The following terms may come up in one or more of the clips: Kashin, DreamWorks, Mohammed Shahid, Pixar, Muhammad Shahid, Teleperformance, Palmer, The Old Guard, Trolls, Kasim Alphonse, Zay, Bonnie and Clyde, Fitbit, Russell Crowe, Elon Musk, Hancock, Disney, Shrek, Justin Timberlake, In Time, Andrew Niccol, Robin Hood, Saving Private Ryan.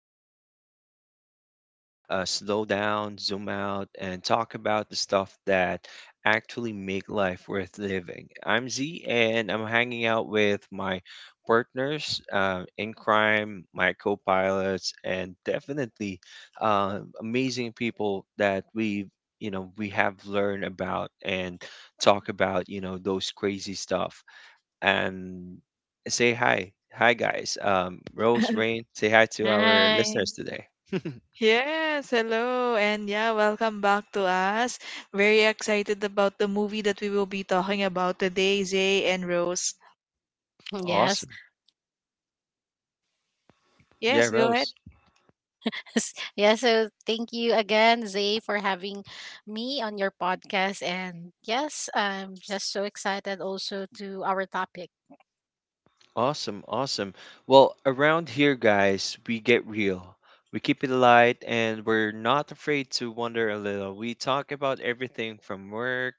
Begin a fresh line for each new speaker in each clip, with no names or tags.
the space where we slow down, zoom out, and talk about the stuff that actually make life worth living. I'm Z, and I'm hanging out with my partners in crime, my co-pilots, and definitely amazing people that we we have learned about and talk about, you know, those crazy stuff and say hi. Hi, guys. Rose, Rain, say hi to our
Hi.
listeners today.
Yes, hello, and yeah, welcome back to us. Very excited about the movie that we will be talking about today, Zay and Rose.
Mhm, yes.
Awesome. Yeah,
Yes, go ahead.
Rose.
Yeah, so thank you again, Zay, for having me on your podcast. And yes, I'm just so excited also to our topic.
Awesome, awesome. Well, around here, guys, we get real. We keep it light and we're not afraid to wonder a little. We talk about everything from work,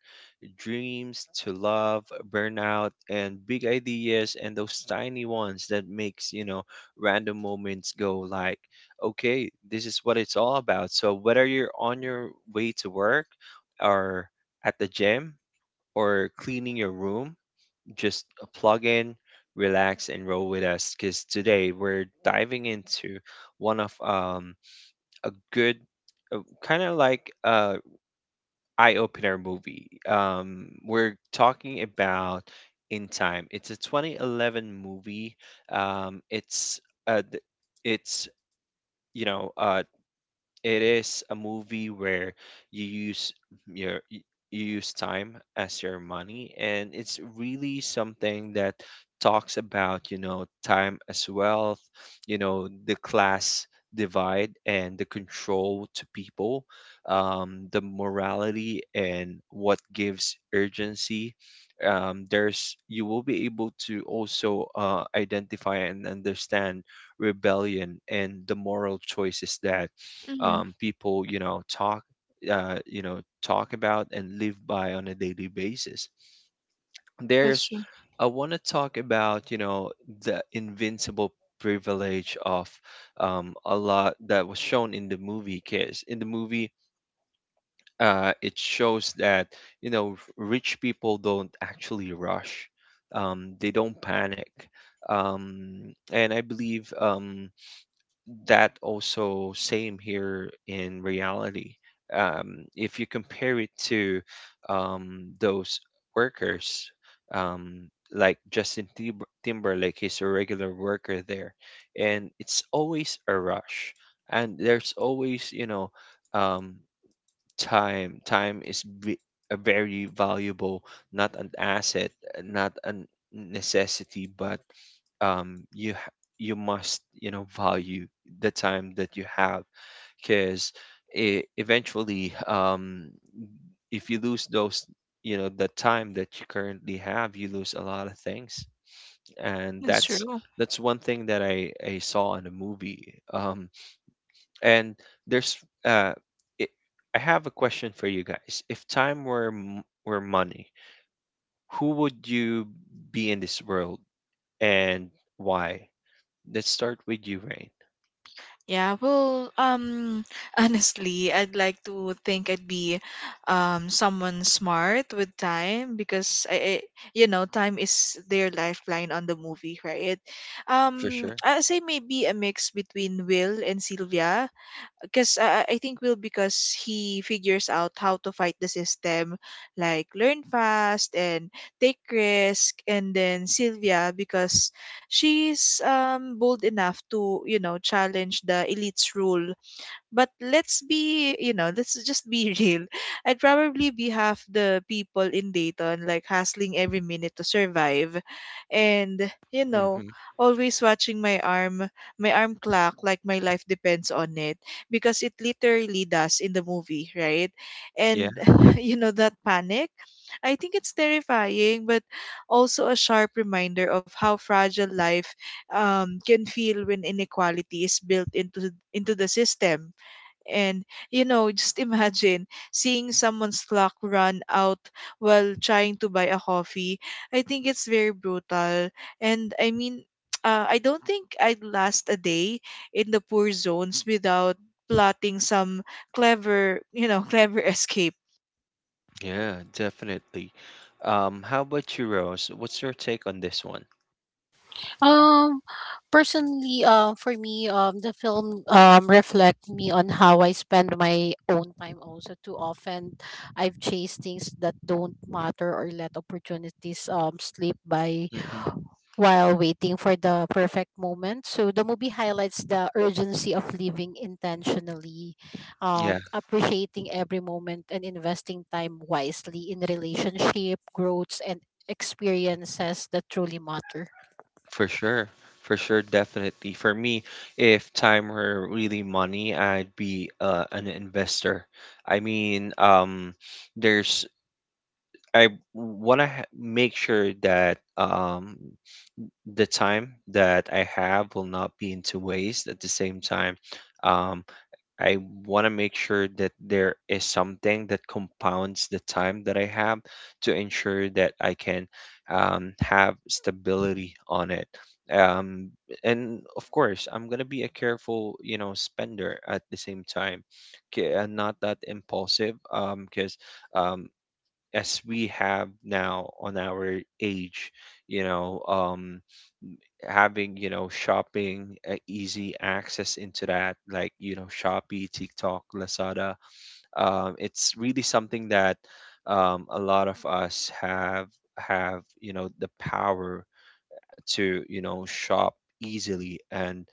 dreams to love, burnout and big ideas and those tiny ones that makes, you know, random moments go like, okay, this is what it's all about. So whether you're on your way to work or at the gym or cleaning your room, just plug in, relax, and roll with us. Because today we're diving into one of a good, kind of like a eye opener movie. We're talking about In Time. It's a 2011 movie. It's th- it's you know It is a movie where you use your y- you use time as your money, and it's really something that talks about, you know, time as wealth, you know, the class divide and the control to people, the morality and what gives urgency. There's you will be able to also identify and understand rebellion and the moral choices that
Mm,
people you know talk about and live by on a daily basis
that's
there's
true.
I want to talk about you know the invincible privilege of a lot that was shown in the movie case in the movie it shows that you know r- rich people don't actually rush, they don't panic, and I believe that also same here in reality. If you compare it to those workers, like Timberlake is a regular worker there, and it's always a rush, and there's always you know. Um, time a very valuable not an asset, not a n- necessity, but you must you know value the time that you have because eventually if you lose those you know the time that you currently have you lose a lot of things and
That's true.
that's one thing that I saw in a movie and there's uh, it, I have a question for you guys. If were money, who would you be in this world and why? Let's start with you, Rain.
Yeah, well, honestly, I'd like to think I'd be someone smart with time because time is their lifeline on the movie, right?
For sure.
I'd say maybe a mix between Will and Sylvia because I think Will because he figures out how to fight the system, like learn fast and take risk, and then Sylvia because she's bold enough to challenge the elite's rule. But let's just be real. I'd probably be half the people in Dayton, like hustling every minute to survive. And, you know,
Mm-hmm.
always watching my arm clock, like my life depends on it. Because it literally does in the movie, right?
Yeah,
And, that panic, I think it's terrifying, but also a sharp reminder of how fragile life can feel when inequality is built into the system. And, just imagine seeing someone's clock run out while trying to buy a coffee. I think it's very brutal. And I mean, I don't think I'd last a day in the poor zones without plotting some clever, clever escape.
yeah, definitely. How about you, Rose? What's your take on this one?
Um, personally, for me, the film reflect me on how I spend my own time. Also, too often, I've chased things that don't matter or let opportunities slip by
Mm-hmm.
while waiting for the perfect moment. So the movie highlights the urgency of living intentionally,
Yeah,
appreciating every moment and investing time wisely in relationship, growths and experiences that truly matter.
for sure. For sure, definitely. For me, if time were really money, I'd be an investor. I mean, there's I make sure that the time that I have will not be into waste. At the same time, um, I want to make sure that there is something that compounds the time that I have to ensure that I can have stability on it. Um, and of course, I'm gonna be a careful, you know, spender at the same time, 'kay, and not that impulsive. Because um, as we have now on our age you know um having you know shopping easy access into that like you know Shopee TikTok Lazada it's really something that a lot of us have you know the power to you know shop easily and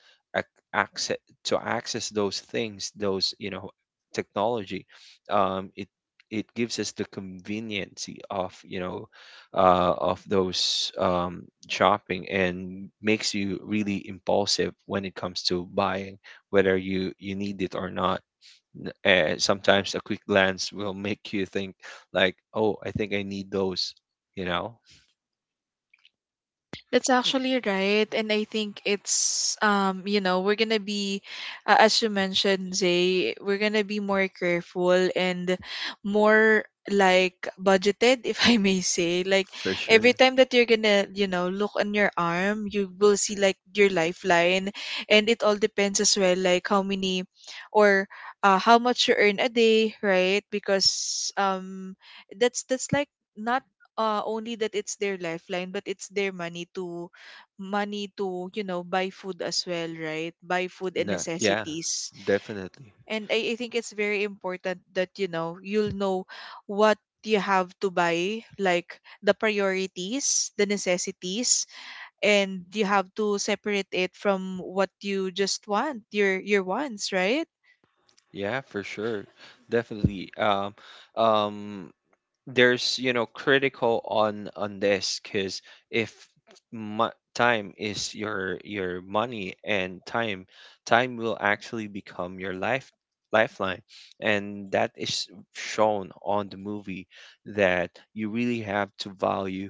access to access those things those you know technology, um, it it gives us the conveniency of you know of those shopping and makes you really impulsive when it comes to buying whether you need it or not, sometimes a quick glance will make you think like oh I think I need those you know
That's actually right. And I think we're going to be, as you mentioned, Zay, we're going to be more careful and more like budgeted, if I may say. Like
for sure.
every time that you're going to, look on your arm, you will see like your lifeline. And it all depends as well, like how many or how much you earn a day, right? Because that's like, not only that it's their lifeline, but it's their money to buy food as well, right? Buy food and
No, yeah,
necessities.
definitely.
And I think it's very important that you'll know what you have to buy, like the priorities, the necessities, and you have to separate it from what you just want, your wants, right?
Yeah, for sure. Definitely. Um, there's you know critical on this because if time is your money and time will actually become your lifeline and that is shown on the movie that you really have to value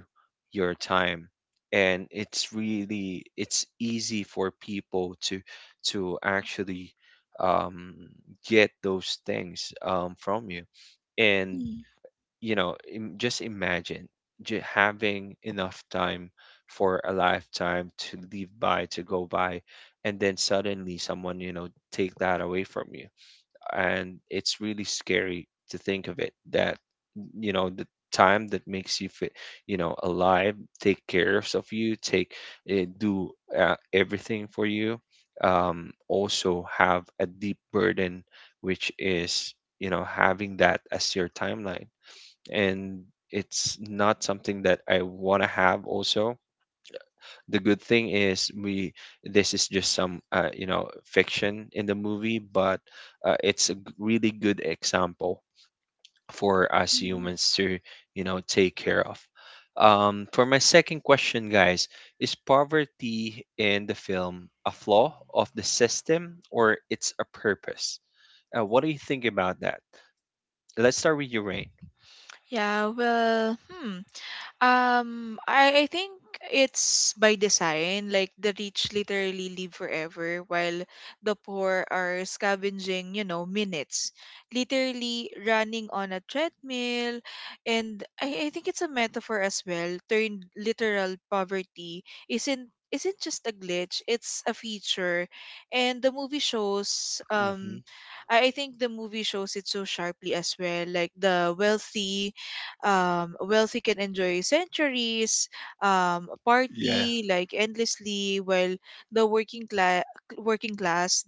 your time and it's really it's easy for people to actually um, get those things, from you and
Mm,
you know just imagine having enough time for a lifetime to live by to go by and then suddenly someone you know take that away from you and it's really scary to think of it that you know the time that makes you fit you know alive take care of you take do everything for you also have a deep burden which is you know having that as your timeline and it's not something that I want to have also. The good thing is we this is just some you know fiction in the movie, but really good example for us
mm.
humans to you know take care of. For my second question, guys, is poverty in the film a flaw of the system or it's a purpose? What do you think about that? Let's start with your rain.
Yeah, well, hmm. I think it's by design. Like the rich literally live forever, while the poor are scavenging, minutes, literally running on a treadmill. And I think it's a metaphor as well. Turned literal poverty isn't just a glitch; it's a feature. And the movie shows.
Hmm.
I think the movie shows it so sharply as well. Like the wealthy can enjoy centuries,
Yeah,
party like endlessly, while the working class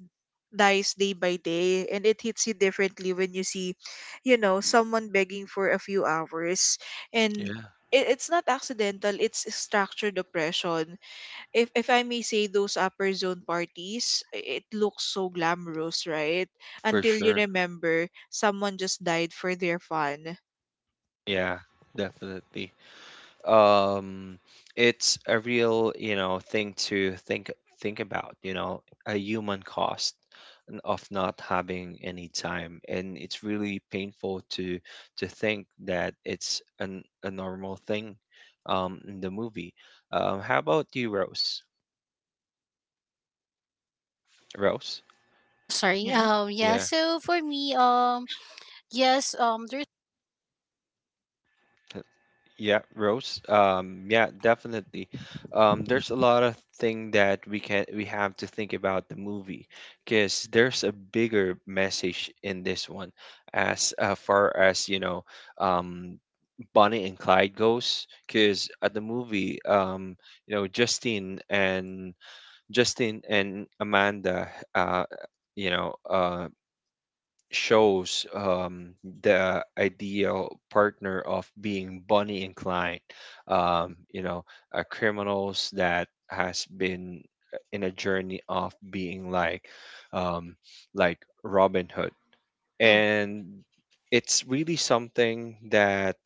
dies day by day, and it hits you differently when you see, someone begging for a few hours, and
yeah,
it's not accidental; it's structured oppression. If I may say, those upper zone parties, it looks so glamorous, right?
for
Until you
sure.
remember someone just died for their fun.
Yeah, definitely. Um, it's a real, you know, thing to think about, you know, a human cost of not having any time. And it's really painful to think that it's an a normal thing in the movie. How about you, Rose? Rose?
Sorry.
Yeah.
Yeah.
Yeah.
So for me, Yes. There's.
Yeah, Rose. Yeah, definitely. There's a lot of thing that we can we have to think about the movie because there's a bigger message in this one as far as you know um, Bonnie and Clyde goes because at the movie you know Justine and Amanda uh, you know shows the ideal partner of being Bonnie and Clyde. You know, criminals that has been in a journey of being like, um, like Robin Hood,
mm,
and it's really something that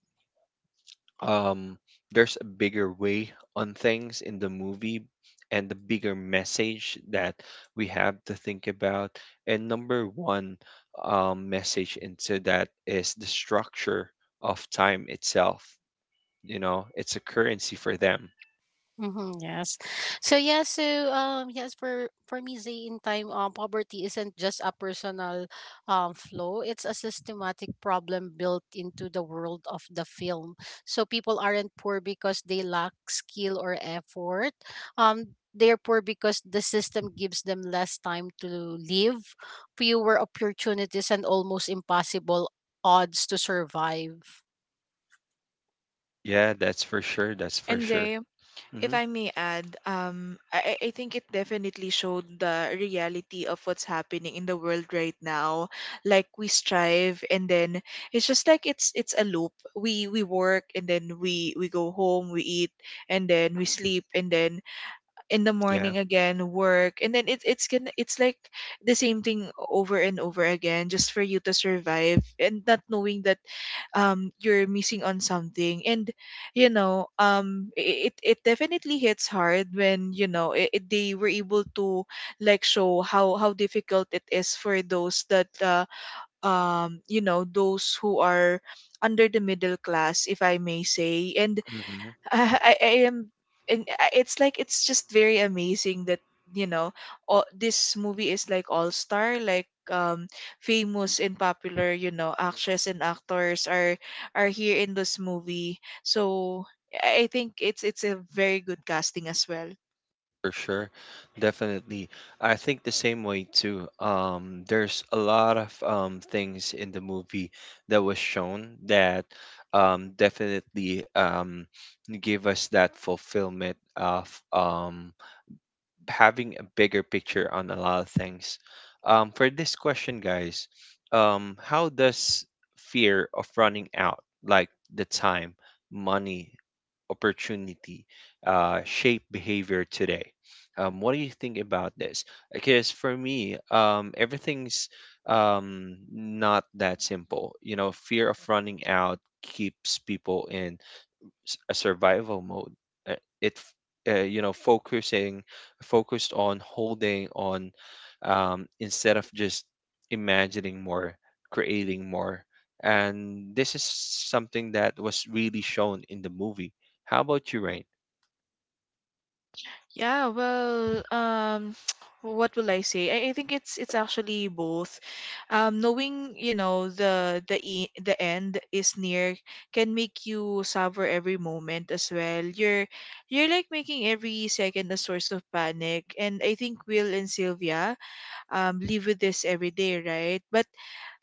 um, there's a bigger way on things in the movie and the bigger message that we have to think about. And number one message into that is the structure of time itself. You know, it's a currency for them.
Mm-hmm, yes. So yes, for me, Zay, in time, poverty isn't just a personal flow, it's a systematic problem built into the world of the film. So people aren't poor because they lack skill or effort. They're poor because the system gives them less time to live, fewer opportunities and almost impossible odds to survive.
Yeah, that's for sure. That's for
And
sure.
they if
Hmm.
I may add, I think it definitely showed the reality of what's happening in the world right now. Like we strive, and then it's just like it's a loop. We work, and then we go home, we eat, and then we sleep, and then in the
Yeah.
morning again work, and then it's like the same thing over and over again, just for you to survive, and not knowing that you're missing on something. And it definitely hits hard when they were able to like show how difficult it is for those that those who are under the middle class, if I may say, and
Mm-hmm.
I am, it's like it's just very amazing that you know this movie is like all star, like famous and popular, actresses and actors are here in this movie. So I think it's a very good casting as well.
For sure. Definitely. I think the same way too. There's a lot of things in the movie that was shown that definitely give us that fulfillment of having a bigger picture on a lot of things. For this question, guys, how does fear of running out, like the time, money, opportunity shape behavior today? What do you think about this? Because for me, everything's not that simple. You know, fear of running out keeps people in a survival mode. Uh, It, f- you know, focusing focused on holding on, instead of just imagining more, creating more. And this is something that was really shown in the movie. How about you, Rain?
Yeah, well, what will I say? I think it's actually both. Knowing the end is near can make you savor every moment as well. You're like making every second a source of panic, and I think Will and Sylvia live with this every day, right? But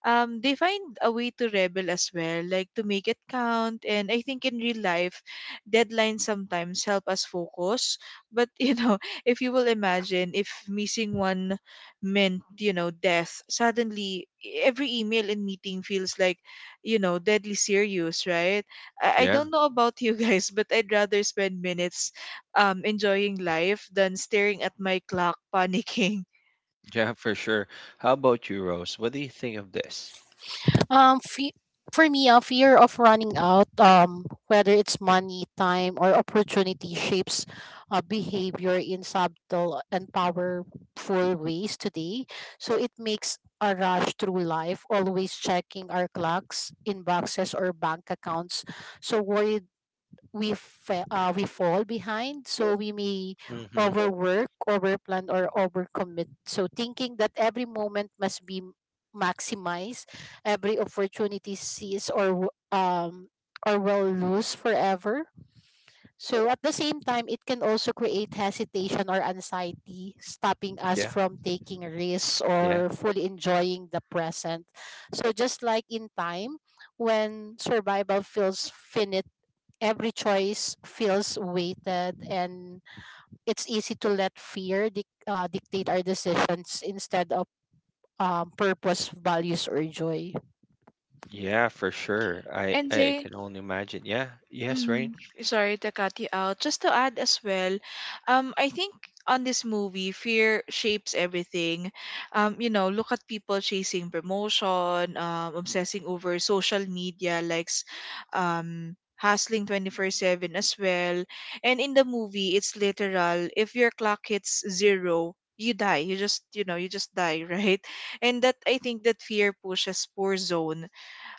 they find a way to rebel as well, like to make it count. And I think in real life deadlines sometimes help us focus, but if you will imagine, if missing one meant death, suddenly every email and meeting feels like deadly serious, right? I
Yeah,
don't know about you guys, but I'd rather spend minutes enjoying life than staring at my clock panicking.
yeah, for sure. How about you, Rose? What do you think of this?
Fe For me, a fear of running out, whether it's money, time, or opportunity, shapes behavior in subtle and powerful ways today. So it makes a rush through life, always checking our clocks, inboxes, or bank accounts. So worried we fall behind, so we may
Mm-hmm.
overwork, overplan, or overcommit, so thinking that every moment must be maximized, every opportunity seized, or will lose forever. So at the same time, it can also create hesitation or anxiety, stopping us
Yeah,
from taking risks
yeah,
or fully enjoying the present. So just like in time, when survival feels finite, every choice feels weighted, and it's easy to let fear dictate our decisions instead of purpose, values, or joy.
yeah, for sure.
And
I
say,
can only imagine. Yeah, yes, Rain.
mm, sorry to cut you out. Just to add as well, I think on this movie, fear shapes everything. Look at people chasing promotion, obsessing over social media, likes, hustling 24/7 as well. And in the movie, it's literal. If your clock hits zero, you die. You just die, right? And that I think that fear pushes poor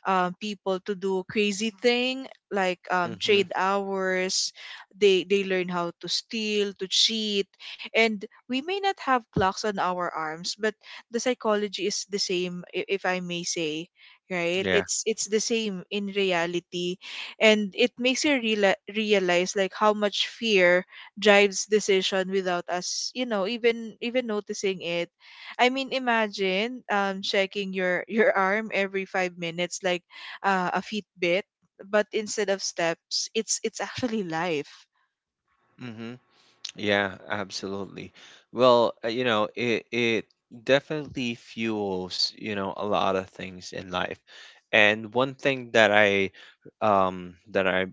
people to do crazy thing like
Mm-hmm.
trade hours. They learn how to steal, to cheat, and we may not have clocks on our arms, but the psychology is the same, if I may say, right?
Yeah.
It's the same in reality, and it makes you realize like how much fear drives decision without us, even noticing it. I mean, imagine checking your your arm every 5 minutes like a Fitbit, but instead of steps, it's actually life.
Mm-hmm. Yeah, absolutely. Well, you know, it definitely fuels, you know, a lot of things in life. And one thing that I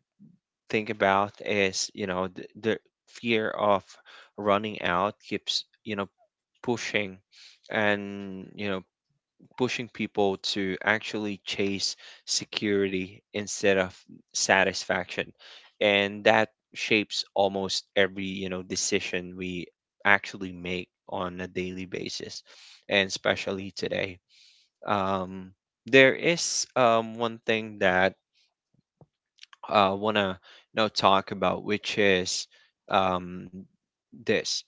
think about is, you know, the fear of running out keeps, you know, pushing and, you know, pushing people to actually chase security instead of satisfaction. And that shapes almost every, you know, decision we actually make on a daily basis, and especially today. Um, there is one thing that I want to you know, talk about, which is um, this.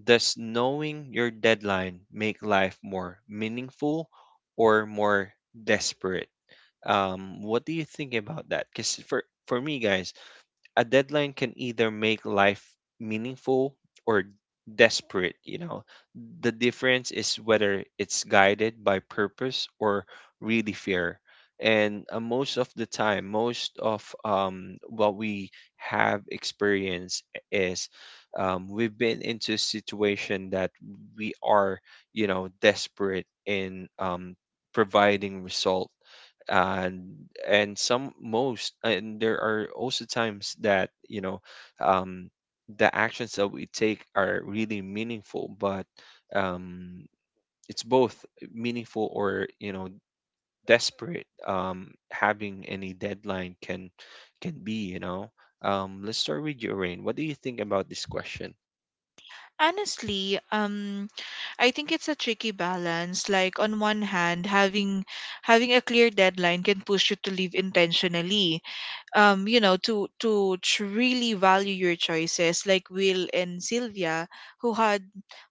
Does knowing your deadline make life more meaningful or more desperate? What do you think about that? Because for me, guys, a deadline can either make life meaningful or desperate you know the difference is whether it's guided by purpose or really fear and most of the time most of what we have experienced is we've been into a situation that we are you know desperate in providing result and and some most and there are also times that you know um, the actions that we take are really meaningful but um, it's both meaningful or you know desperate having any deadline can be you know let's start with you Rain. What do you think about this question?
Honestly, I think it's a tricky balance. Like on one hand, having a clear deadline can push you to live intentionally, to really value your choices, like Will and Sylvia, who had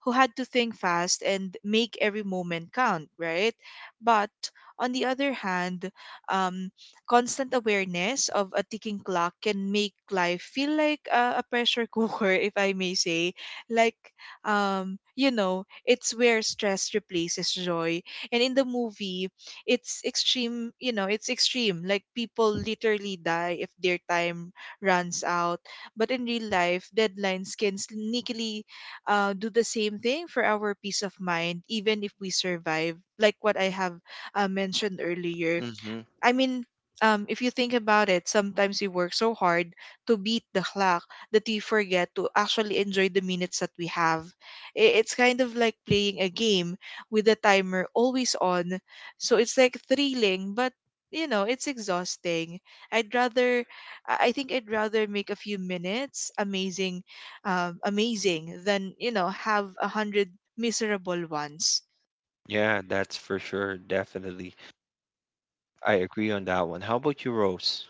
who had to think fast and make every moment count, right? But on the other hand, um constant awareness of a ticking clock can make life feel like a pressure cooker, if I may say. Like it's where stress replaces joy. And in the movie, it's extreme, it's extreme, like people literally die if their time runs out. But in real life, deadlines can sneakily do the same thing for our peace of mind, even if we survive, like what I have mentioned earlier.
Hmm.
I mean, if you think about it, sometimes we work so hard to beat the clock that we forget to actually enjoy the minutes that we have. It's kind of like playing a game with the timer always on. So it's like thrilling, but it's exhausting. I'd rather, I think I'd rather make a few minutes amazing, amazing than, have 100 miserable ones.
Yeah that's for sure definitely I agree on that one. How about you Rose?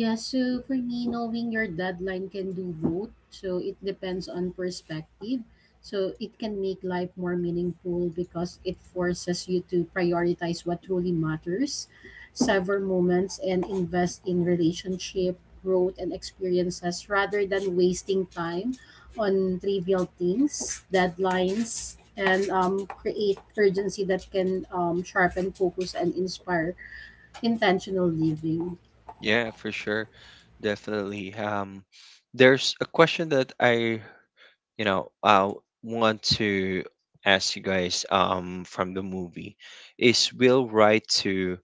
Yeah, so for me, knowing your deadline can do both. So it depends on perspective. So it can make life more meaningful because it forces you to prioritize what truly matters, savor moments, and invest in relationship, growth, and experiences rather than wasting time on trivial things, deadlines, and create urgency that can, sharpen focus and inspire intentional living.
Yeah, for sure. Definitely. There's a question that I, you know, want to ask you guys from the movie. Is Will right to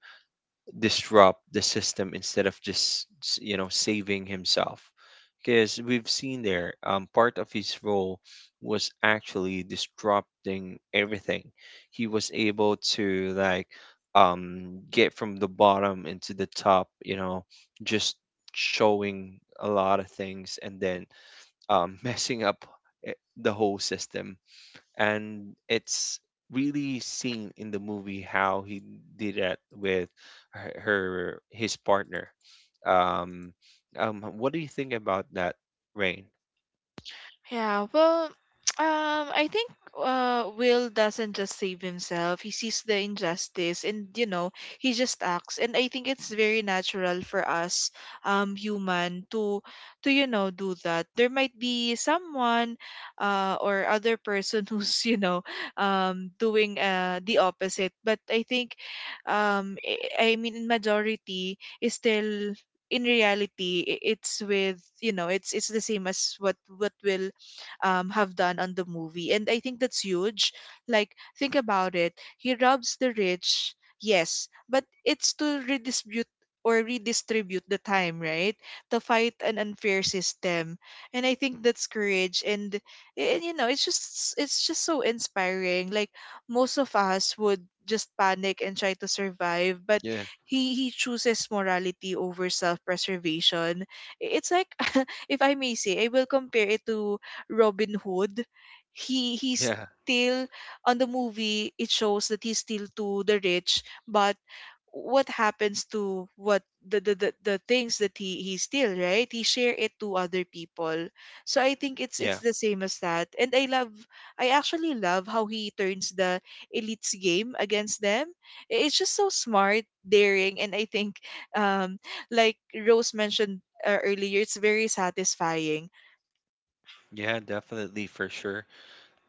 disrupt the system instead of just you know saving himself because we've seen there part of his role was actually disrupting everything. He was able to like get from the bottom into the top, you know, just showing a lot of things and then messing up the whole system. And it's really seen in the movie how he did that with her, her his partner. um what do you think about that, rain?
Yeah, well, I think Will doesn't just save himself. He sees the injustice, and he just acts. And I think it's very natural for us, human, to do that. There might be someone, or other person, who's doing the opposite. But I think, I mean, in majority is still in reality, it's with it's the same as what Will have done on the movie. And I think that's huge. Like, think about it. He robs the rich, yes, but it's to redistribute the time, right? To fight an unfair system. And I think that's courage. And it's just so inspiring. Like most of us would just panic and try to survive, but
yeah
he chooses morality over self preservation. It's like, if I may say, I will compare it to Robin Hood. He's
yeah
still on the movie. It shows that he's still to the rich, but what happens to what the things that he steal, right? He share it to other people. So I think it's
yeah
it's the same as that. And I actually love how he turns the elites game against them. It's just so smart, daring, and I think, um like Rose mentioned earlier, it's very satisfying.
yeah, definitely, for sure.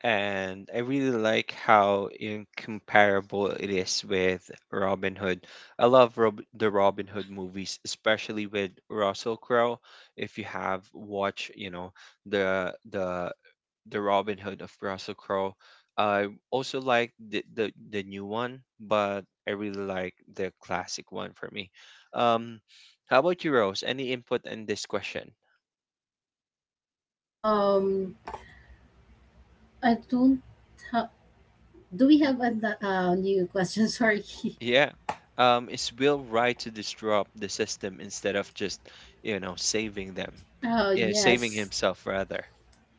And I really like how incomparable it is with Robin Hood. I love Robin Hood movies, especially with Russell Crowe. If you have watched, you know, the the the Robin Hood of Russell Crowe. I also like the, the new one, but I really like the classic one for me. Um, how about you, Rose? Any input in this question?
Um, I don't have. Do we
W-
have a new question? Sorry.
Yeah. Is Will right to disrupt the system instead of just, you know, saving them?
Oh
Yeah, saving
yes.
himself rather.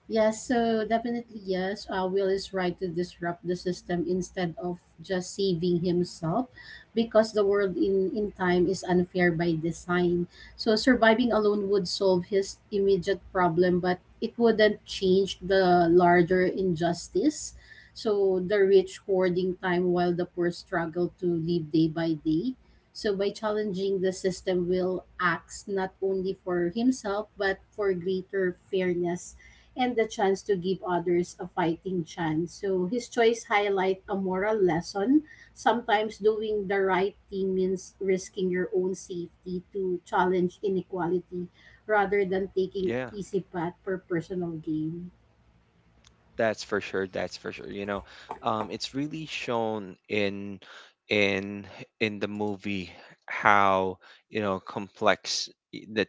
Yes, so definitely yes. Will is right to disrupt the system instead of just saving himself, because the world in time is unfair by design. So surviving alone would solve his immediate problem, but it wouldn't change the larger injustice. So the rich hoarding time while the poor struggle to live day by day. So by challenging the system, Will acts not only for himself but for greater fairness and the chance to give others a fighting chance. So his choice highlight a moral lesson. Sometimes doing the right thing means risking your own safety to challenge inequality rather than taking
Yeah.
easy path for personal gain.
That's for sure. That's for sure. You know, it's really shown in in in the movie how, you know, complex i- the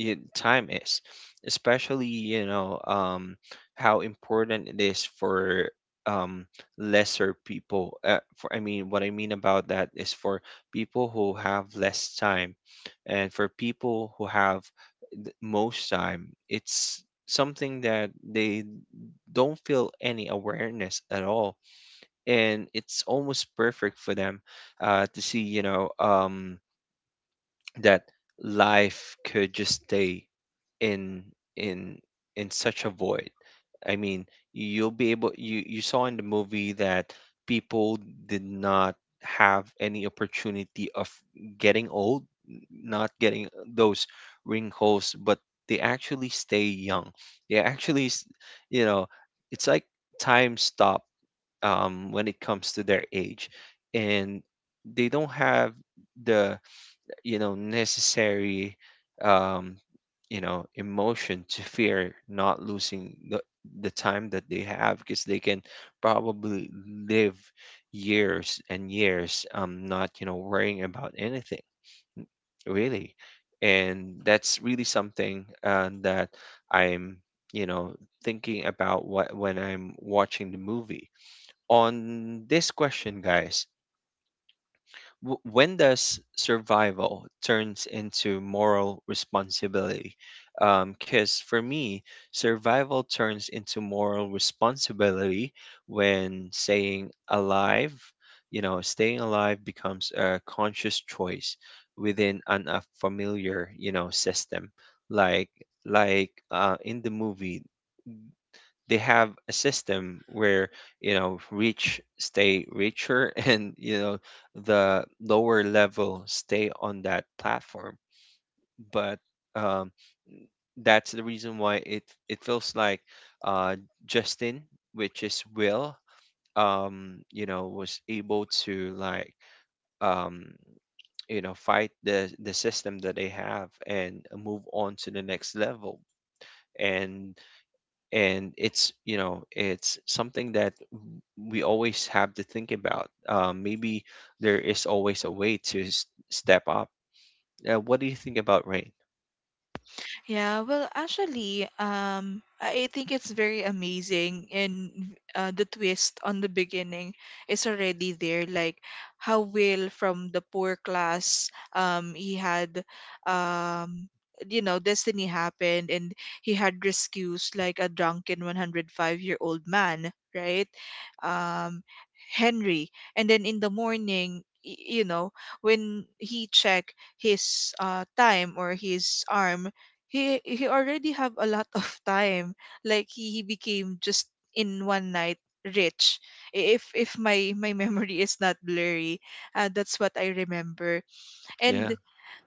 time is, especially, you know, how important it is for um, lesser people. For I mean, what I mean about that is for people who have less time, and for people who have most time, it's something that they don't feel any awareness at all, and it's almost perfect for them to see, you know, that life could just stay in in such a void. I mean, you'll be able you saw in the movie that people did not have any opportunity of getting old, not getting those wrinkles, but they actually stay young. They actually, you know, it's like time stop when it comes to their age, and they don't have the, you know, necessary um you know emotion to fear not losing the time that they have, because they can probably live years and years, not, you know, worrying about anything really. And that's really something that I'm, you know, thinking about what when I'm watching the movie. On this question, guys, when does survival turns into moral responsibility? Because for me, survival turns into moral responsibility when staying alive, you know, staying alive becomes a conscious choice within a familiar, you know, system. Like in the movie, they have a system where, you know, rich stay richer and, you know, the lower level stay on that platform. But um, that's the reason why it feels like uh, Justin, which is Will, you know was able to like um, you know fight the system that they have and move on to the next level. And it's, you know, it's something that we always have to think about. Maybe there is always a way to step up. What do you think about rain?
Yeah, well, actually, I think it's very amazing, and the twist on the beginning is already there. Like how Will from the poor class, he had, um, you know, destiny happened, and he had rescues like a drunken 105-year-old man, right? Um, Henry, and then in the morning. You know, when he checked his time or his arm, he already have a lot of time like he became just in one night rich. If my memory is not blurry, that's what I remember.
Yeah.
And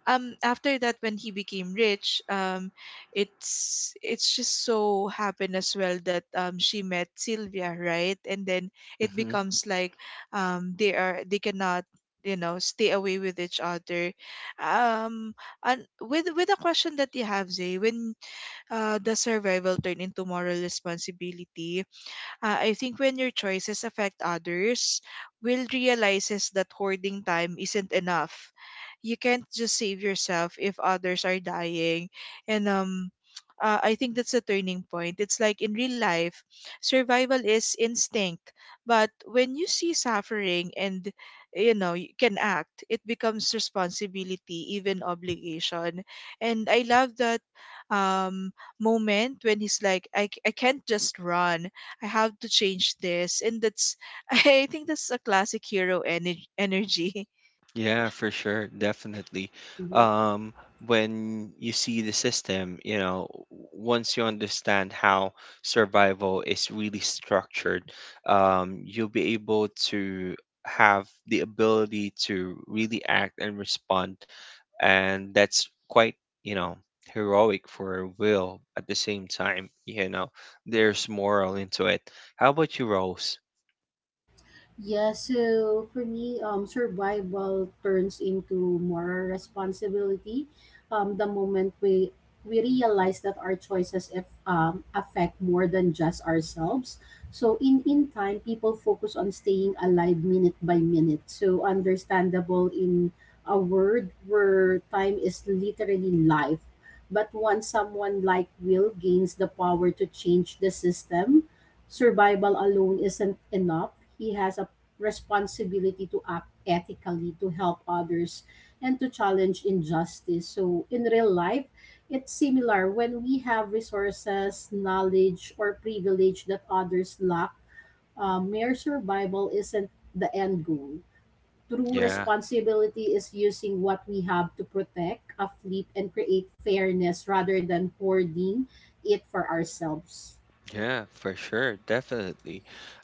after that when he became rich, it's just so happened as well that she met Sylvia, right? And then it
Mm-hmm.
becomes like, they are, they cannot, you know, stay away with each other. um and with a question that you have, Zay, when the survival turn into moral responsibility, I think when your choices affect others, Will realizes that hoarding time isn't enough. You can't just save yourself if others are dying. And I think that's a turning point. It's like in real life, survival is instinct, but when you see suffering and you know you can act, it becomes responsibility, even obligation. And I love that um, moment when he's like, I can't just run. I have to change this. And that's, I think that's a classic hero energy.
Yeah, for sure, definitely.
Mhm.
Um, when you see the system, you know, once you understand how survival is really structured, you'll be able to have the ability to really act and respond. And that's quite, you know, heroic for Will. At the same time, you know, there's moral into it. How about you, Rose?
Yeah, so for me, survival turns into moral responsibility. The moment we realize that our choices if, affect more than just ourselves. So in time, people focus on staying alive minute by minute. So understandable in a world where time is literally life. But once someone like Will gains the power to change the system, survival alone isn't enough. He has a responsibility to act ethically, to help others, and to challenge injustice. So, in real life, it's similar when we have resources, knowledge, or privilege that others lack. Mere survival isn't the end goal. True
Yeah.
responsibility is using what we have to protect, uplift, and create fairness rather than hoarding it for ourselves.
Yeah, for sure, definitely.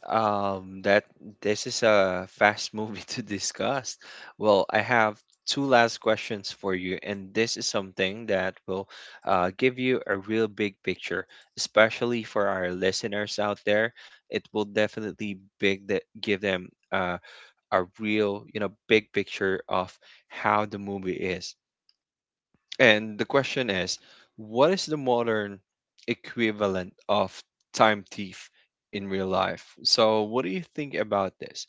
That this is a fast movie to discuss. Well, I have two last questions for you, and this is something that will give you a real big picture, especially for our listeners out there. It will definitely big that give them a real, you know, big picture of how the movie is. And the question is, what is the modern equivalent of time thief in real life? So, what do you think about this?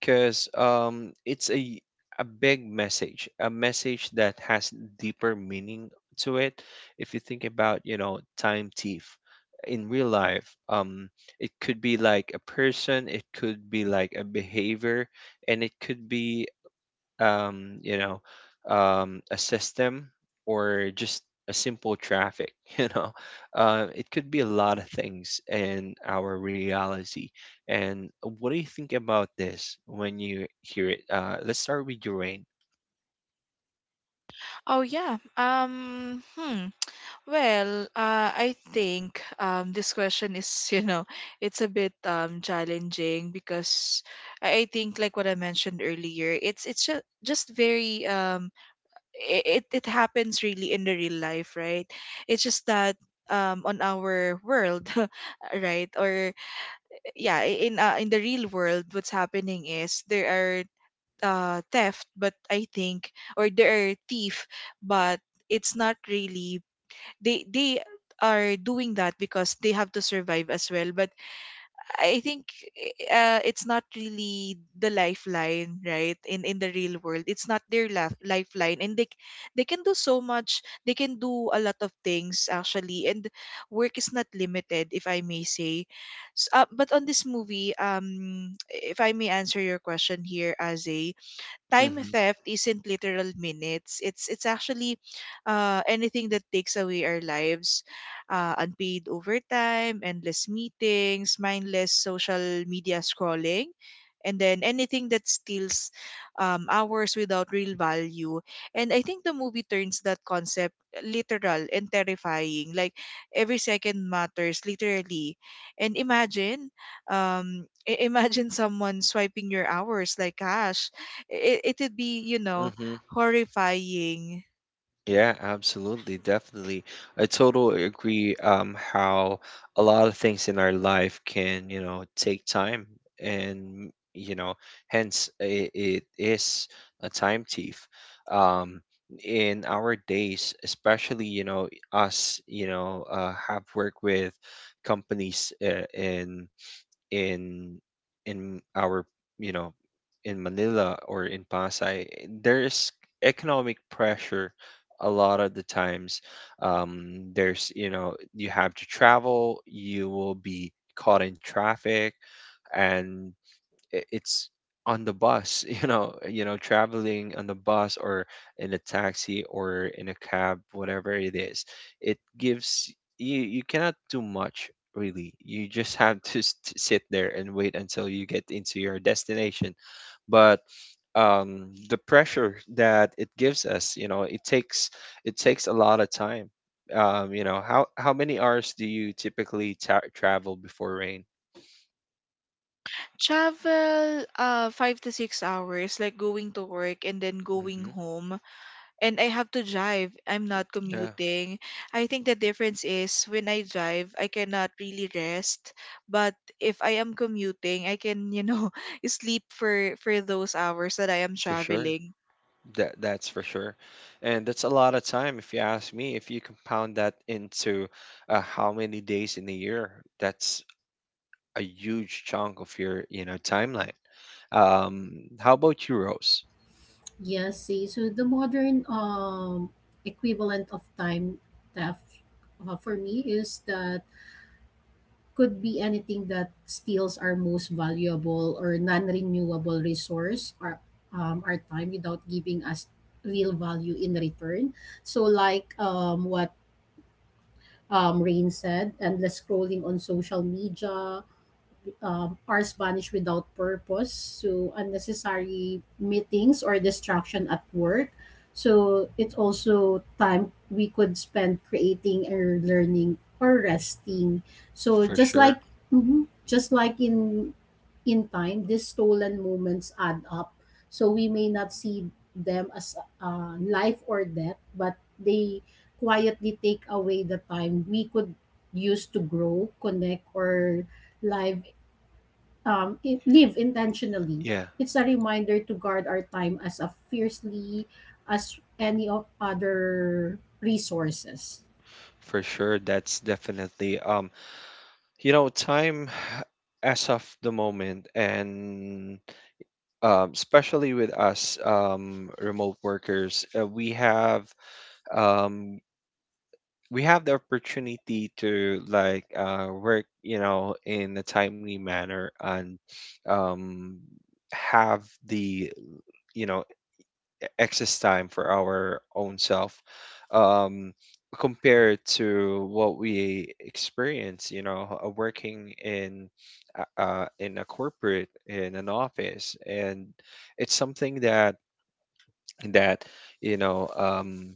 Because it's a big message, a message that has deeper meaning to it. If you think about, you know, time thief in real life, it could be like a person, it could be like a behavior, and it could be you know, a system, or just a simple traffic, you know. It could be a lot of things in our reality. And what do you think about this when you hear it? Let's start with your rain.
Oh, yeah. Hmm. Well, I think this question is, you know, it's a bit challenging because I think, like what I mentioned earlier, it's just very, it happens really in the real life, right? It's just that on our world, right? Or yeah, in the real world what's happening is there are theft, but I think, or there are thief, but it's not really, they are doing that because they have to survive as well. But I think it's not really the lifeline, right? In the real world, it's not their lifeline, and they can do so much. They can do a lot of things actually, and work is not limited, if I may say. But on this movie, if I may answer your question here, Aze, time theft isn't literal minutes. It's actually anything that takes away our lives, unpaid overtime, endless meetings, mindless social media scrolling, and then anything that steals hours without real value. And I think the movie turns that concept literal and terrifying. Like every second matters literally. And imagine, imagine someone swiping your hours like cash, it'd be, you know,
Mm-hmm.
horrifying.
Yeah, absolutely, definitely. I totally agree, how a lot of things in our life can, you know, take time. And, you know, hence it is a time thief. Um in our days, especially, you know, us, you know, have worked with companies in in our, you know, in Manila or in Pasay, there's economic pressure a lot of the times. There's, you know, you have to travel, you will be caught in traffic, and it's on the bus, you know, traveling on the bus or in a taxi or in a cab, whatever it is. It gives you cannot do much, really. You just have to to sit there and wait until you get into your destination. But the pressure that it gives us, you know, it takes a lot of time. You know, how many hours do you typically travel, before rain?
Travel 5 to 6 hours like going to work and then going
Hmm.
home. And I have to drive, I'm not
Yeah,
commuting. I think the difference is when I drive I cannot really rest, but if I am commuting I can, you know, sleep for those hours that I am
for sure.
traveling.
That that's for sure, and that's a lot of time if you ask me. If you compound that into how many days in a year, that's a huge chunk of your, you know, timeline. Um, how about you, Rose?
Yes, see, so the modern, equivalent of time theft, for me is that could be anything that steals our most valuable or non-renewable resource, our time, without giving us real value in return. So, like what, Rain said, endless scrolling on social media, hours vanish without purpose. So unnecessary meetings or distraction at work. So it's also time we could spend creating or learning or resting. So
For
just
sure,
like mhm, just like in time, these stolen moments add up. So we may not see them as, life or death, but they quietly take away the time we could use to grow, connect, or live, live intentionally.
yeah,
It's a reminder to guard our time as a fiercely as any of other resources.
for sure. That's definitely you know, time as of the moment. And especially with us, remote workers, um we have the opportunity to like work, you know, in a timely manner, and um, have the, you know, excess time for our own self, um, compared to what we experience, you know, working in in a corporate, in an office. And it's something that that you know,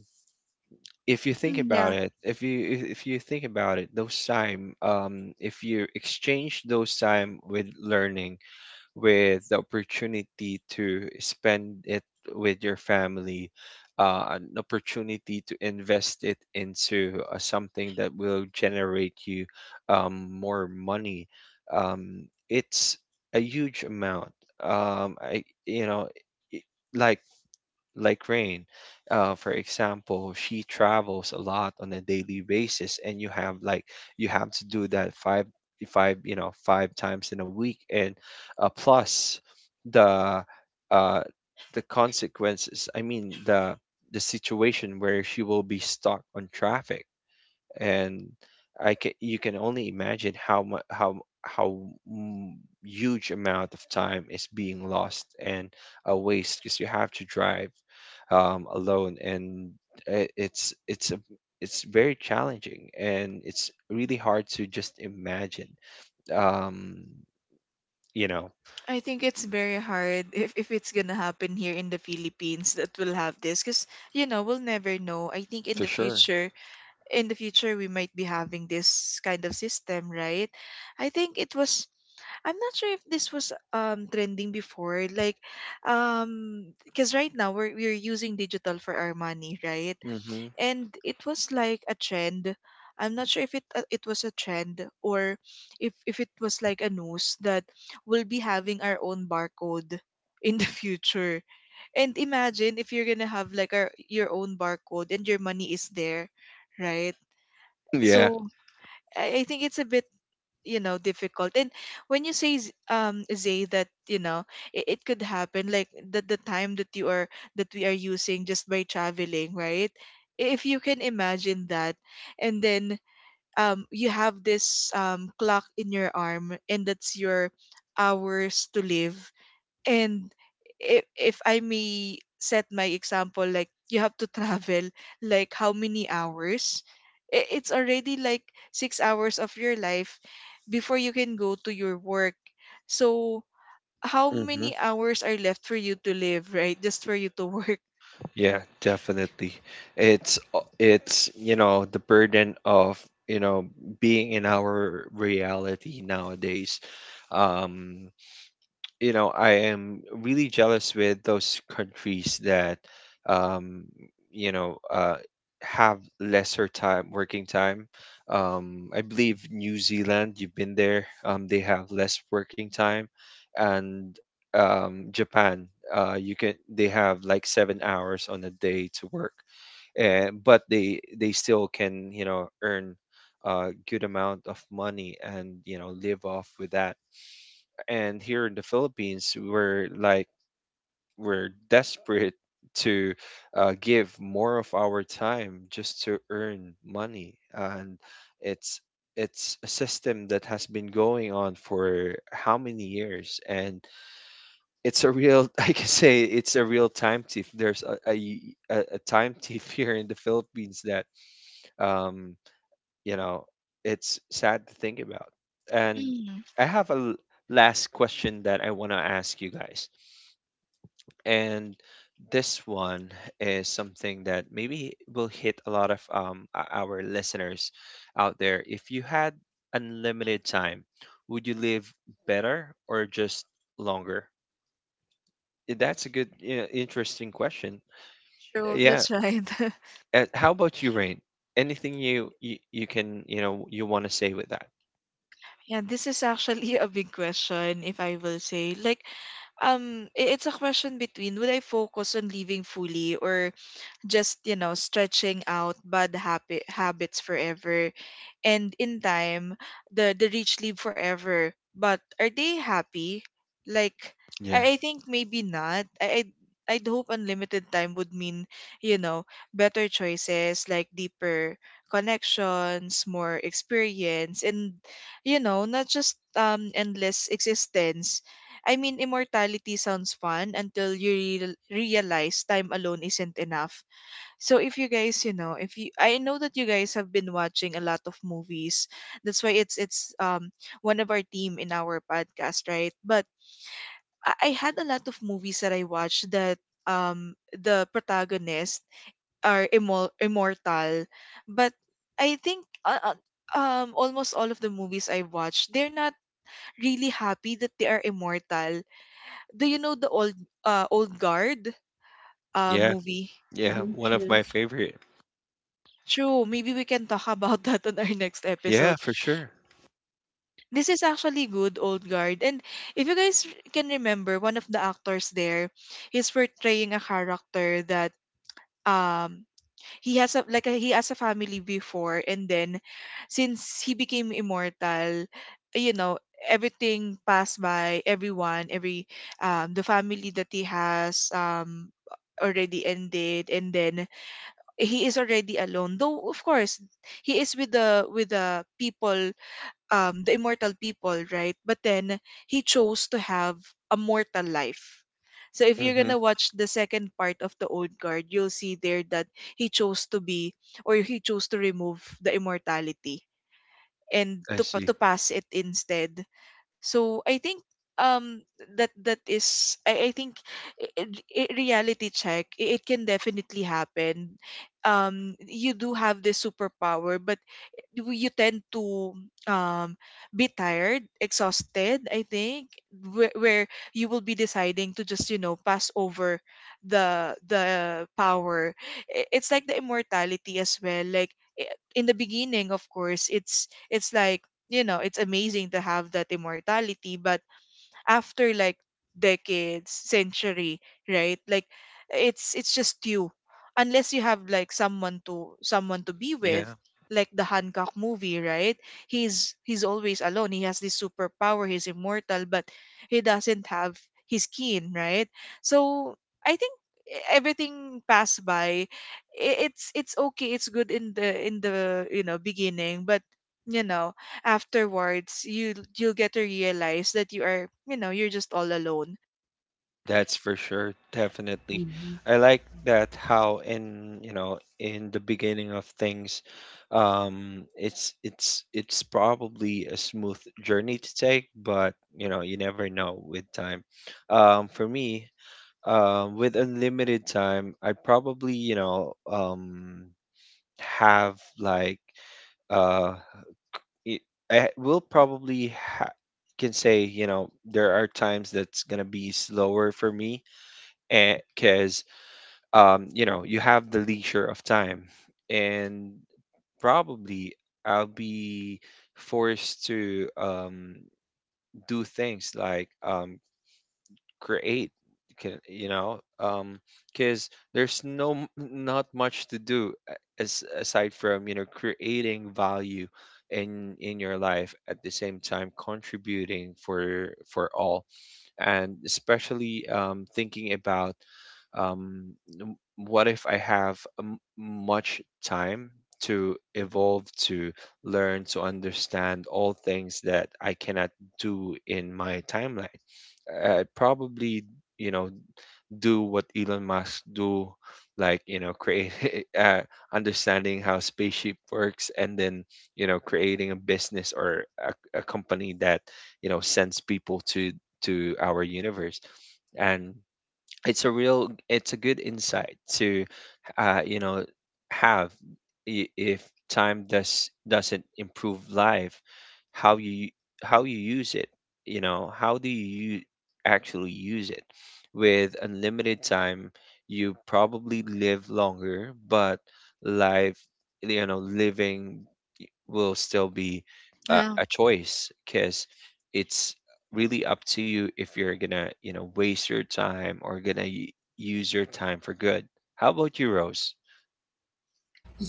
if you think
Mm,
about
yeah.
it, if you think about it, those time, if you exchange those time with learning, with the opportunity to spend it with your family, an opportunity to invest it into something that will generate you more money, it's a huge amount. I, you know, i- like Rain, for example, she travels a lot on a daily basis, and you have like you have to do that five five you know five times in a week, and plus the uh, the consequences. I mean the situation where she will be stuck on traffic. And I can, you can only imagine how m- huge amount of time is being lost and a waste because you have to drive alone. And it's it's very challenging, and it's really hard to just imagine um, you know.
I think it's very hard if it's gonna happen here in the Philippines that we'll have this, because you know, we'll never know. I think in the future we might be having this kind of system, right? I think it was. I'm not sure if this was trending before, like because right now we're using digital for our money, right?
Hmm.
And it was like a trend. I'm not sure if it it was a trend, or if it was like a news that we'll be having our own barcode in the future. And imagine if you're gonna have like our your own barcode and your money is there, right?
Yeah.
So I think it's a bit, you know, difficult. And when you say zay, that you know, it could happen like the time that you are, that we are using just by traveling, right? If you can imagine that. And then you have this clock in your arm, and that's your hours to live. And if I may set my example, like you have to travel like how many hours? I- It's already like 6 hours of your life before you can go to your work. So how
Hmm.
many hours are left for you to live, right? Just for you to work.
Yeah, definitely. It's it's, you know, the burden of, you know, being in our reality nowadays. Um, you know, I am really jealous with those countries that um you know have lesser time, working time. I believe New Zealand, you've been there, they have less working time. And Japan, you can they have like 7 hours on a day to work. And but they still can, you know, earn a good amount of money and, you know, live off with that. And here in the Philippines, we're like we're desperate to give more of our time just to earn money. And it's it's a system that has been going on for how many years. And it's a real I can say it's a real time thief. There's a time thief here in the Philippines that um you know it's sad to think about. And
Mm.
I have a last question that I want to ask you guys. And this one is something that maybe will hit a lot of our listeners out there. If you had unlimited time, would you live better or just longer? That's a good, you know, interesting question.
So
Yeah.
that's right.
How about you, Rain? Anything you, can you know you want to say with that?
Yeah, this is actually a big question, if I will say. Like, it's a question between would I focus on living fully, or just you know stretching out bad habits forever. And in time, the rich live forever, but are they happy? Like,
Yeah.
I think maybe not. I'd hope unlimited time would mean, you know, better choices, like deeper connections, more experience, and you know, not just endless existence. I mean, immortality sounds fun until you realize time alone isn't enough. So if you guys, you know, if you, I know that you guys have been watching a lot of movies. That's why it's one of our theme in our podcast, right? But I had a lot of movies that I watched that the protagonists are immortal. But I think almost all of the movies I watched, they're not really happy that they are immortal. Do you know the old old guard Yeah,
Yeah.
movie?
Yeah.
Mm-hmm.
One of my
Yes.
favorite.
True. Maybe we can talk about that on our next
Yeah,
episode.
for sure.
This is actually good, old guard. And if you guys can remember, one of the actors there is portraying a character that um he has a like a, he has a family before. And then since he became immortal, you know, everything passed by everyone every the family that he has already ended, and then he is already alone, though of course he is with the people, the immortal people, right? But then he chose to have a mortal life. So if you're
Mm-hmm.
gonna watch the second part of the old guard, you'll see there that he chose to be, or he chose to remove the immortality and
I
to
see.
to pass it instead. So I think um that that is, I think, i i reality check, it can definitely happen. You do have this superpower, but you tend to um be tired, exhausted, I think, where you will be deciding to just, you know, pass over the power. I- It's like the immortality as well. Like in the beginning, of course, it's like, you know, it's amazing to have that immortality, but after like decades, century, right, like it's just you, unless you have like someone to someone to be with,
Yeah,
like the Hancock movie, right? He's always alone, he has this superpower, he's immortal, but he doesn't have his kin, right? So I think everything passed by. It's okay, it's good in the in the, you know, beginning, but you know, afterwards you you'll get to realize that you are, you know, you're just all alone.
that's for sure. Definitely.
Mhm.
I like that how in, you know, in the beginning of things, it's it's probably a smooth journey to take, but you know, you never know with time. For me, with unlimited time, I probably, you know, have like uh it, I will probably ha- can say you know there are times that's gonna be slower for me, and because you know you have the leisure of time, and probably I'll be forced to do things like create can you know because there's no not much to do as aside from you know creating value in your life at the same time contributing for all and especially thinking about um what if I have much time to evolve to learn to understand all things that I cannot do in my timeline. I probably, you know, do what Elon Musk do, like, you know, create uh, understanding how spaceship works and then, you know, creating a business or a company that, you know, sends people to our universe. And it's a good insight to you know have if time doesn't improve life, how you how you use it, you know, how do you actually use it. With unlimited time you probably live longer, but life, you know, living will still be a,
Yeah,
a choice because it's really up to you if you're gonna, you know, waste your time or use your time for good. How about you, Rose?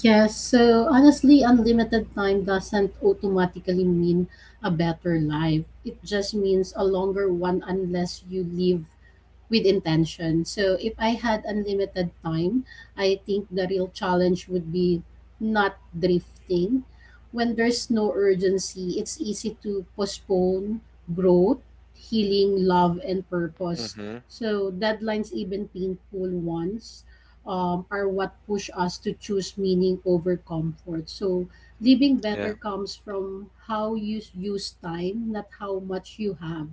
Yes, so honestly, unlimited time doesn't automatically mean a better life. It just means a longer one unless you live with intention. So if I had unlimited time, I think the real challenge would be not drifting. When there's no urgency, it's easy to postpone growth, healing, love, and purpose.
Mm-hmm.
So deadlines, even painful ones, are what push us to choose meaning over comfort. So living
Yeah.
better comes from how you use time, not how much you have.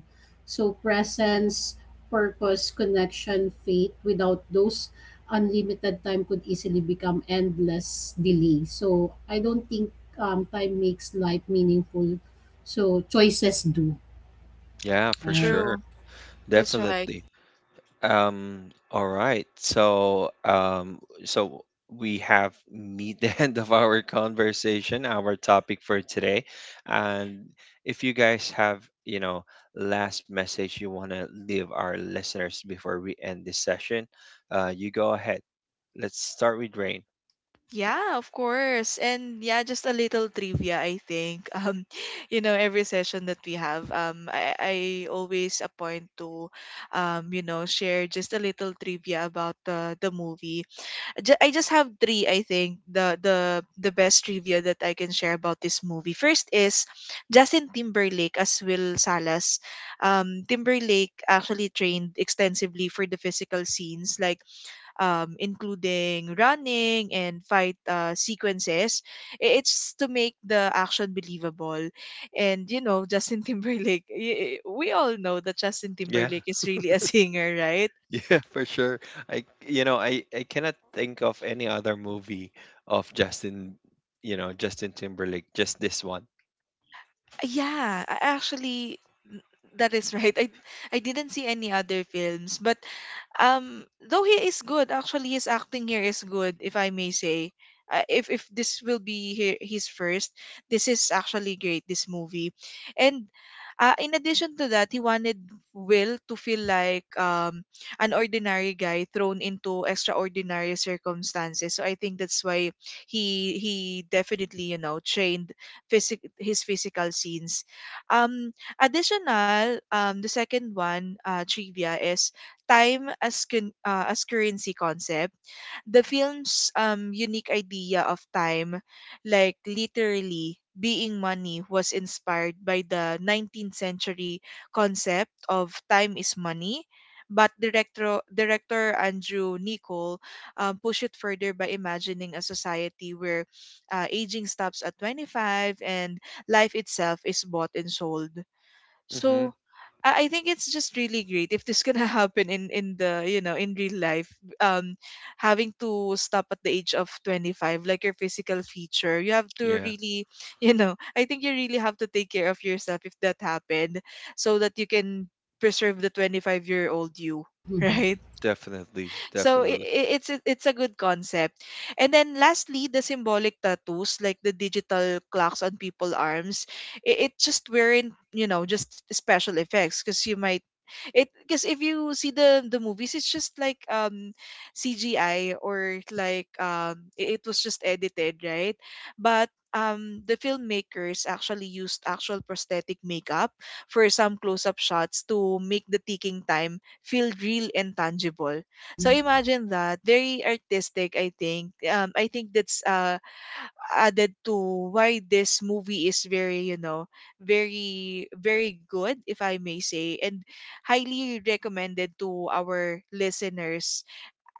So presence, purpose, connection, faith. Without those, unlimited time could easily become endless delay. So I don't think, time makes life meaningful. So choices do,
Yeah, for
right?
sure.
true. That's right.
Definitely. Um, all right. So, so we have meet the end of our conversation, our topic for today. And if you guys have, you know, last message you want to leave our listeners before we end this session, you go ahead. Let's start with Rain.
Yeah, of course. And yeah, just a little trivia, I think you know, every session that we have, I always appoint to you know share just a little trivia about the movie. I just have three, I think, the best trivia that I can share about this movie. First is Justin Timberlake as Will Salas. Timberlake actually trained extensively for the physical scenes, like including running and fight sequences. I- It's to make the action believable, and you know Justin Timberlake. We all know that Justin
Yeah.
Timberlake is really a singer, right?
Yeah, for sure. I, you know, I cannot think of any other movie of Justin, you know, Justin Timberlake, just this one.
Yeah, I actually, that is right. I didn't see any other films, but um though he is good, actually his acting here is good, if I may say. If this will be his first, this is actually great, this movie. And in addition to that, he wanted Will to feel like an ordinary guy thrown into extraordinary circumstances, so I think that's why he definitely, you know, trained physic his physical scenes. Um additional um the second one trivia is time as as currency concept. The film's unique idea of time, like literally being money, was inspired by the 19th century concept of time is money. But director Andrew Niccol pushed it further by imagining a society where aging stops at 25, and life itself is bought and sold. So I think it's just really great if this can happen in the, you know, in real life. Um, having to stop at the age of 25, like your physical feature, you have to
Yeah,
really, you know, I think you really have to take care of yourself if that happened, so that you can preserve the 25-year old you,
Mm-hmm.
right?
definitely,
So
definitely.
it's a good concept. And then lastly, the symbolic tattoos like the digital clocks on people's arms, it just weren't, you know, just special effects. Because you might it, because if you see the movies, it's just like CGI, or like it, it was just edited, right? But the filmmakers actually used actual prosthetic makeup for some close-up shots to make the ticking time feel real and tangible. So imagine that, very artistic. I think. I think that's added to why this movie is very, you know, very very good, if I may say, and highly recommended to our listeners.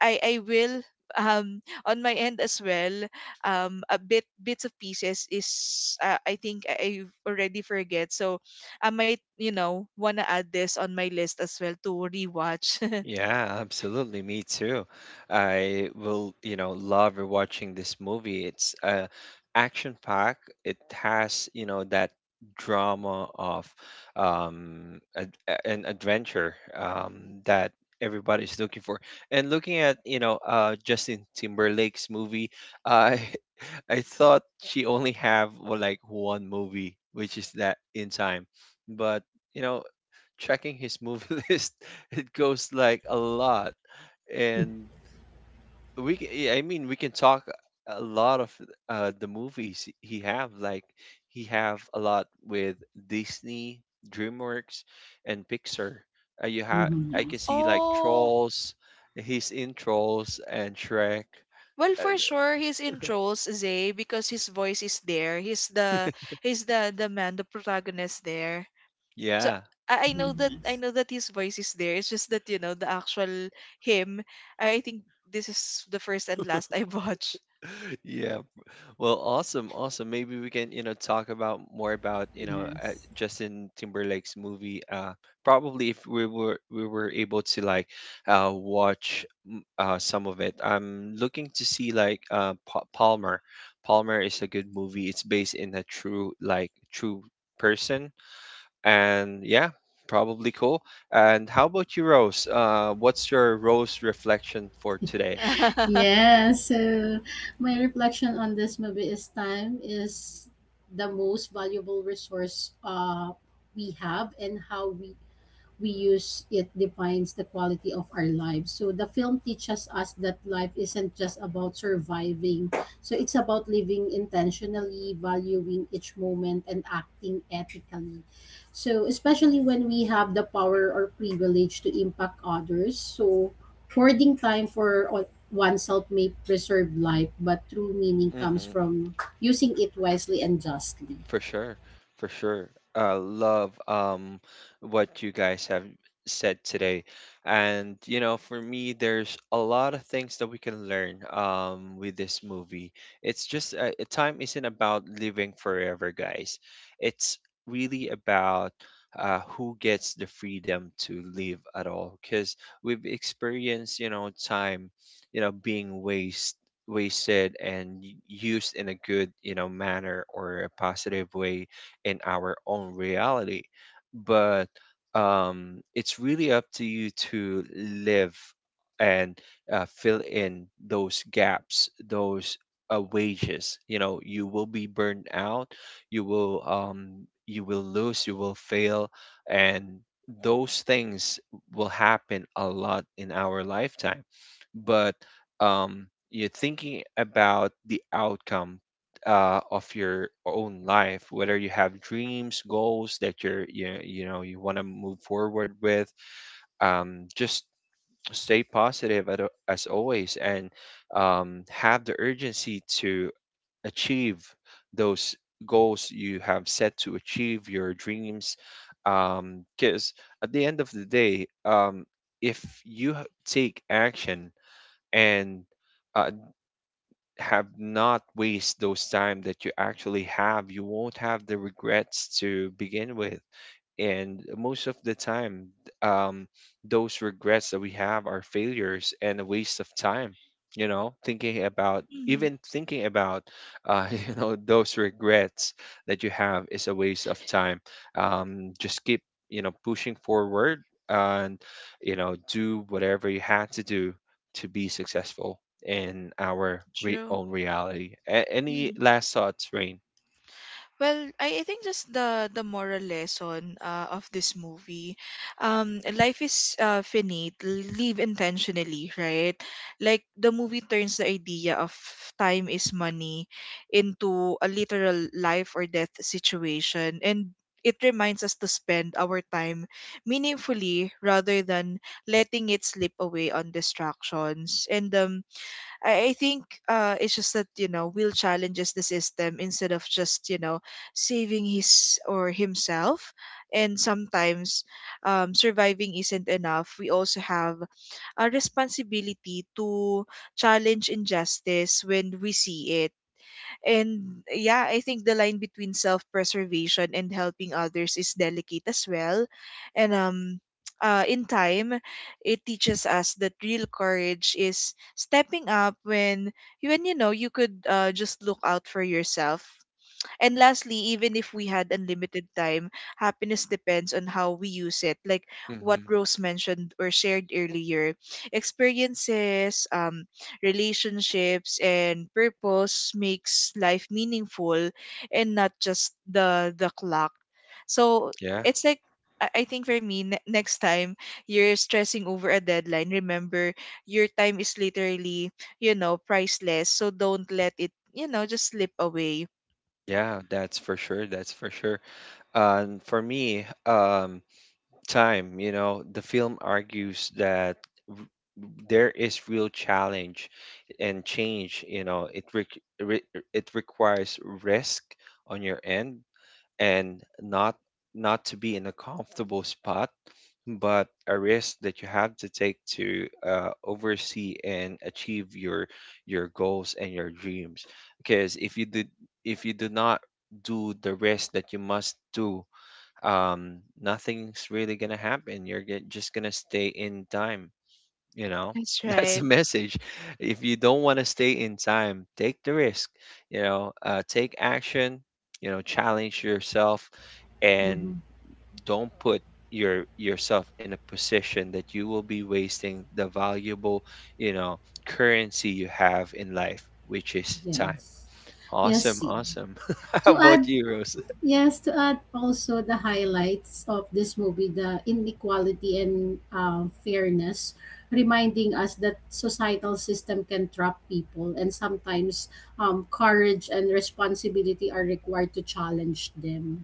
I will on my end as well, a bit, bits of pieces is, I think I've already forget, so I might, you know, wanna add this on my list as well to rewatch.
Yeah, absolutely. Me too. I will, you know, love rewatching this movie. It's action pack. It has, you know, that drama of an adventure that everybody's looking for. And looking at, you know, Justin Timberlake's movie, I I thought she only have well, like one movie, which is that In Time, but you know checking his movie list, it goes like a lot. And yeah, I mean, we can talk a lot of the movies he have. Like he have a lot with Disney, DreamWorks, and Pixar. You have,
Mm-hmm.
I can see
Yes.
like
Oh,
Trolls. He's in Trolls and Shrek.
well, for sure, he's in
Uh,
Trolls, Zay, because his voice is there. He's the, he's the man, the protagonist there. So
yeah,
Mm-hmm.
I
Yes.
know that his voice is there. It's just that, you know, the actual him. I, think this is the first and last I watched.
yeah. Well, awesome, awesome. Maybe we can, you know, talk about more about, you know,
Yes.
Justin Timberlake's movie. Probably if we were able to like watch some of it. I'm looking to see like Pa Palmer. Palmer is a good movie. It's based in a true like true person, and yeah, probably cool. And how about you, Rose? What's your Rose reflection for today?
Yes. So my reflection on this movie is time is the most valuable resource we have, and how we use it defines the quality of our lives. So the film teaches us that life isn't just about surviving. So it's about living intentionally, valuing each moment and acting ethically. So especially when we have the power or privilege to impact others. So hoarding time for oneself may preserve life, but true meaning comes
Mm-hmm.
from using it wisely and justly.
For sure, for sure. I love what you guys have said today. And you know, for me there's a lot of things that we can learn with this movie. It's just time isn't about living forever, guys. It's really about who gets the freedom to live at all, because we've experienced you know time, you know, being wasted and used in a good, you know, manner or a positive way in our own reality. But it's really up to you to live, and fill in those gaps, those wages. You know, you will be burned out, you will um you will lose, you will fail, and those things will happen a lot in our lifetime. But you're thinking about the outcome of your own life, whether you have dreams, goals that you're you know you want to move forward with. Just stay positive at, as always, and have the urgency to achieve those goals you have set to achieve your dreams. Because at the end of the day, if you take action and uh, have not waste those time that you actually have, you won't have the regrets to begin with. And most of the time, um, those regrets that we have are failures and a waste of time, you know, thinking about,
Mhm.
you know, those regrets that you have is a waste of time. Um, just keep, you know, pushing forward, and you know do whatever you had to do to be successful in our
True.
own reality. A- any
Mm.
last thoughts, Rain?
Well, I think just the moral lesson of this movie, life is finite. Live intentionally, right? Like the movie turns the idea of time is money into a literal life or death situation, and it reminds us to spend our time meaningfully rather than letting it slip away on distractions. And I think it's just that, you know, Will challenges the system instead of just, you know, saving his or himself. And sometimes surviving isn't enough. We also have a responsibility to challenge injustice when we see it. And yeah, I think the line between self-preservation and helping others is delicate as well. And in time, it teaches us that real courage is stepping up when you know you could just look out for yourself. And lastly, even if we had unlimited time, happiness depends on how we use it. Like what
hmm
Rose mentioned or shared earlier, experiences, relationships, and purpose makes life meaningful, and not just the clock. So
yeah
it's like, I think for me, next time you're stressing over a deadline, remember your time is literally, you know, priceless. So don't let it, you know, just slip away.
yeah, that's for sure. That's for sure. And for me, time, you know, the film argues that r- there is real challenge and change. You know, it re re it requires risk on your end, and not not to be in a comfortable spot, but a risk that you have to take to oversee and achieve your goals and your dreams. Because if you do not do the risk that you must do, nothing's really gonna happen. You're just gonna stay in time. You know,
That's
that's the
right.
message. If you don't want to stay in time, take the risk. You know, take action. You know, challenge yourself, and
Mhm.
don't put yourself in a position that you will be wasting the valuable, you know, currency you have in life, which is time.
Yes. Yes,
Awesome,
see.
awesome. How
To
about
add
you, Rose?
yes, to add also the highlights of this movie, the inequality and, fairness, reminding us that societal system can trap people, and sometimes courage and responsibility are required to challenge them.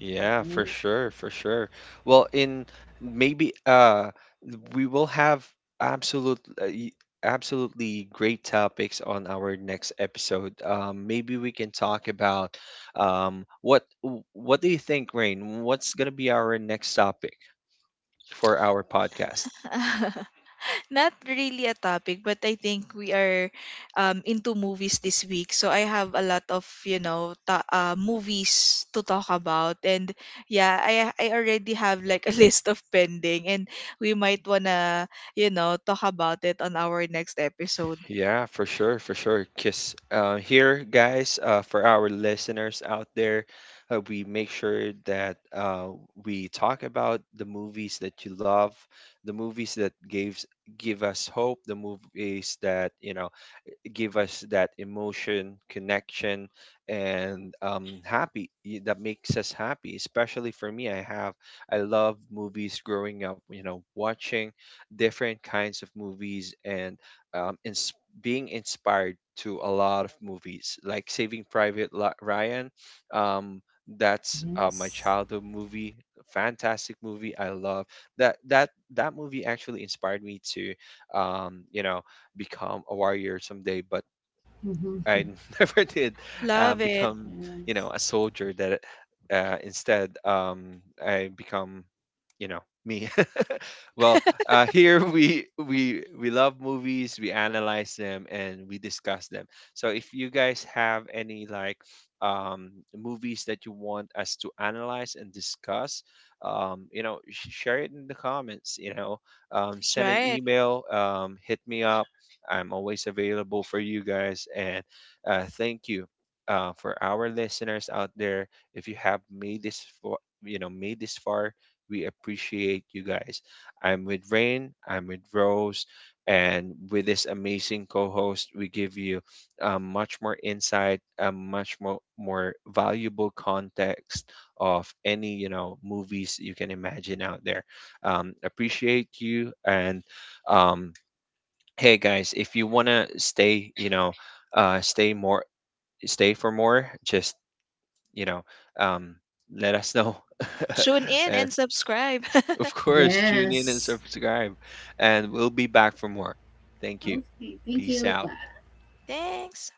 Yeah, for
Yes,
sure, for sure. Well, in maybe we will have absolute uh, y- absolutely great topics on our next episode. Um, maybe we can talk about what do you think, Rain? What's going to be our next topic for our podcast?
Not really a topic, but I think we are into movies this week. So I have a lot of, you know, movies to talk about. And yeah, I already have like a list of pending. And we might want to, you know, talk about it on our next episode.
Yeah, for sure, for sure. Because here, guys, for our listeners out there, we make sure that we talk about the movies that you love, the movies that give us hope, the movies that you know give us that emotion, connection, and that makes us happy. Especially for me, I love movies growing up. You know, watching different kinds of movies and um, ins- being inspired to a lot of movies, like Saving Private Ryan. Um, that's my
yes,
childhood movie, fantastic movie. I love that movie. Actually inspired me to you know become a warrior someday, but
mm-hmm.
I never did
Love it.
become, you
Yes,
know, a soldier. That instead, I become, you know, me. Well, here we love movies, we analyze them, and we discuss them. So if you guys have any like movies that you want us to analyze and discuss, you know, share it in the comments. You know,
That's
send an
right.
email, hit me up. I'm always available for you guys, and thank you. For our listeners out there, if you have made this for you know made this far, we appreciate you guys. I'm with Rain, I'm with Rose, and with this amazing co host, we give you much more insight, a more valuable context of any, you know, movies you can imagine out there. Appreciate you. And um, hey, guys, if you want to stay, you know, stay more, stay for more, just you know, um, let us know.
Tune in
And
and subscribe.
of course, tune in and
yes.
subscribe. And we'll be back for more. Thank you.
Okay, thank
Peace
you.
out.
Bye.
Thanks.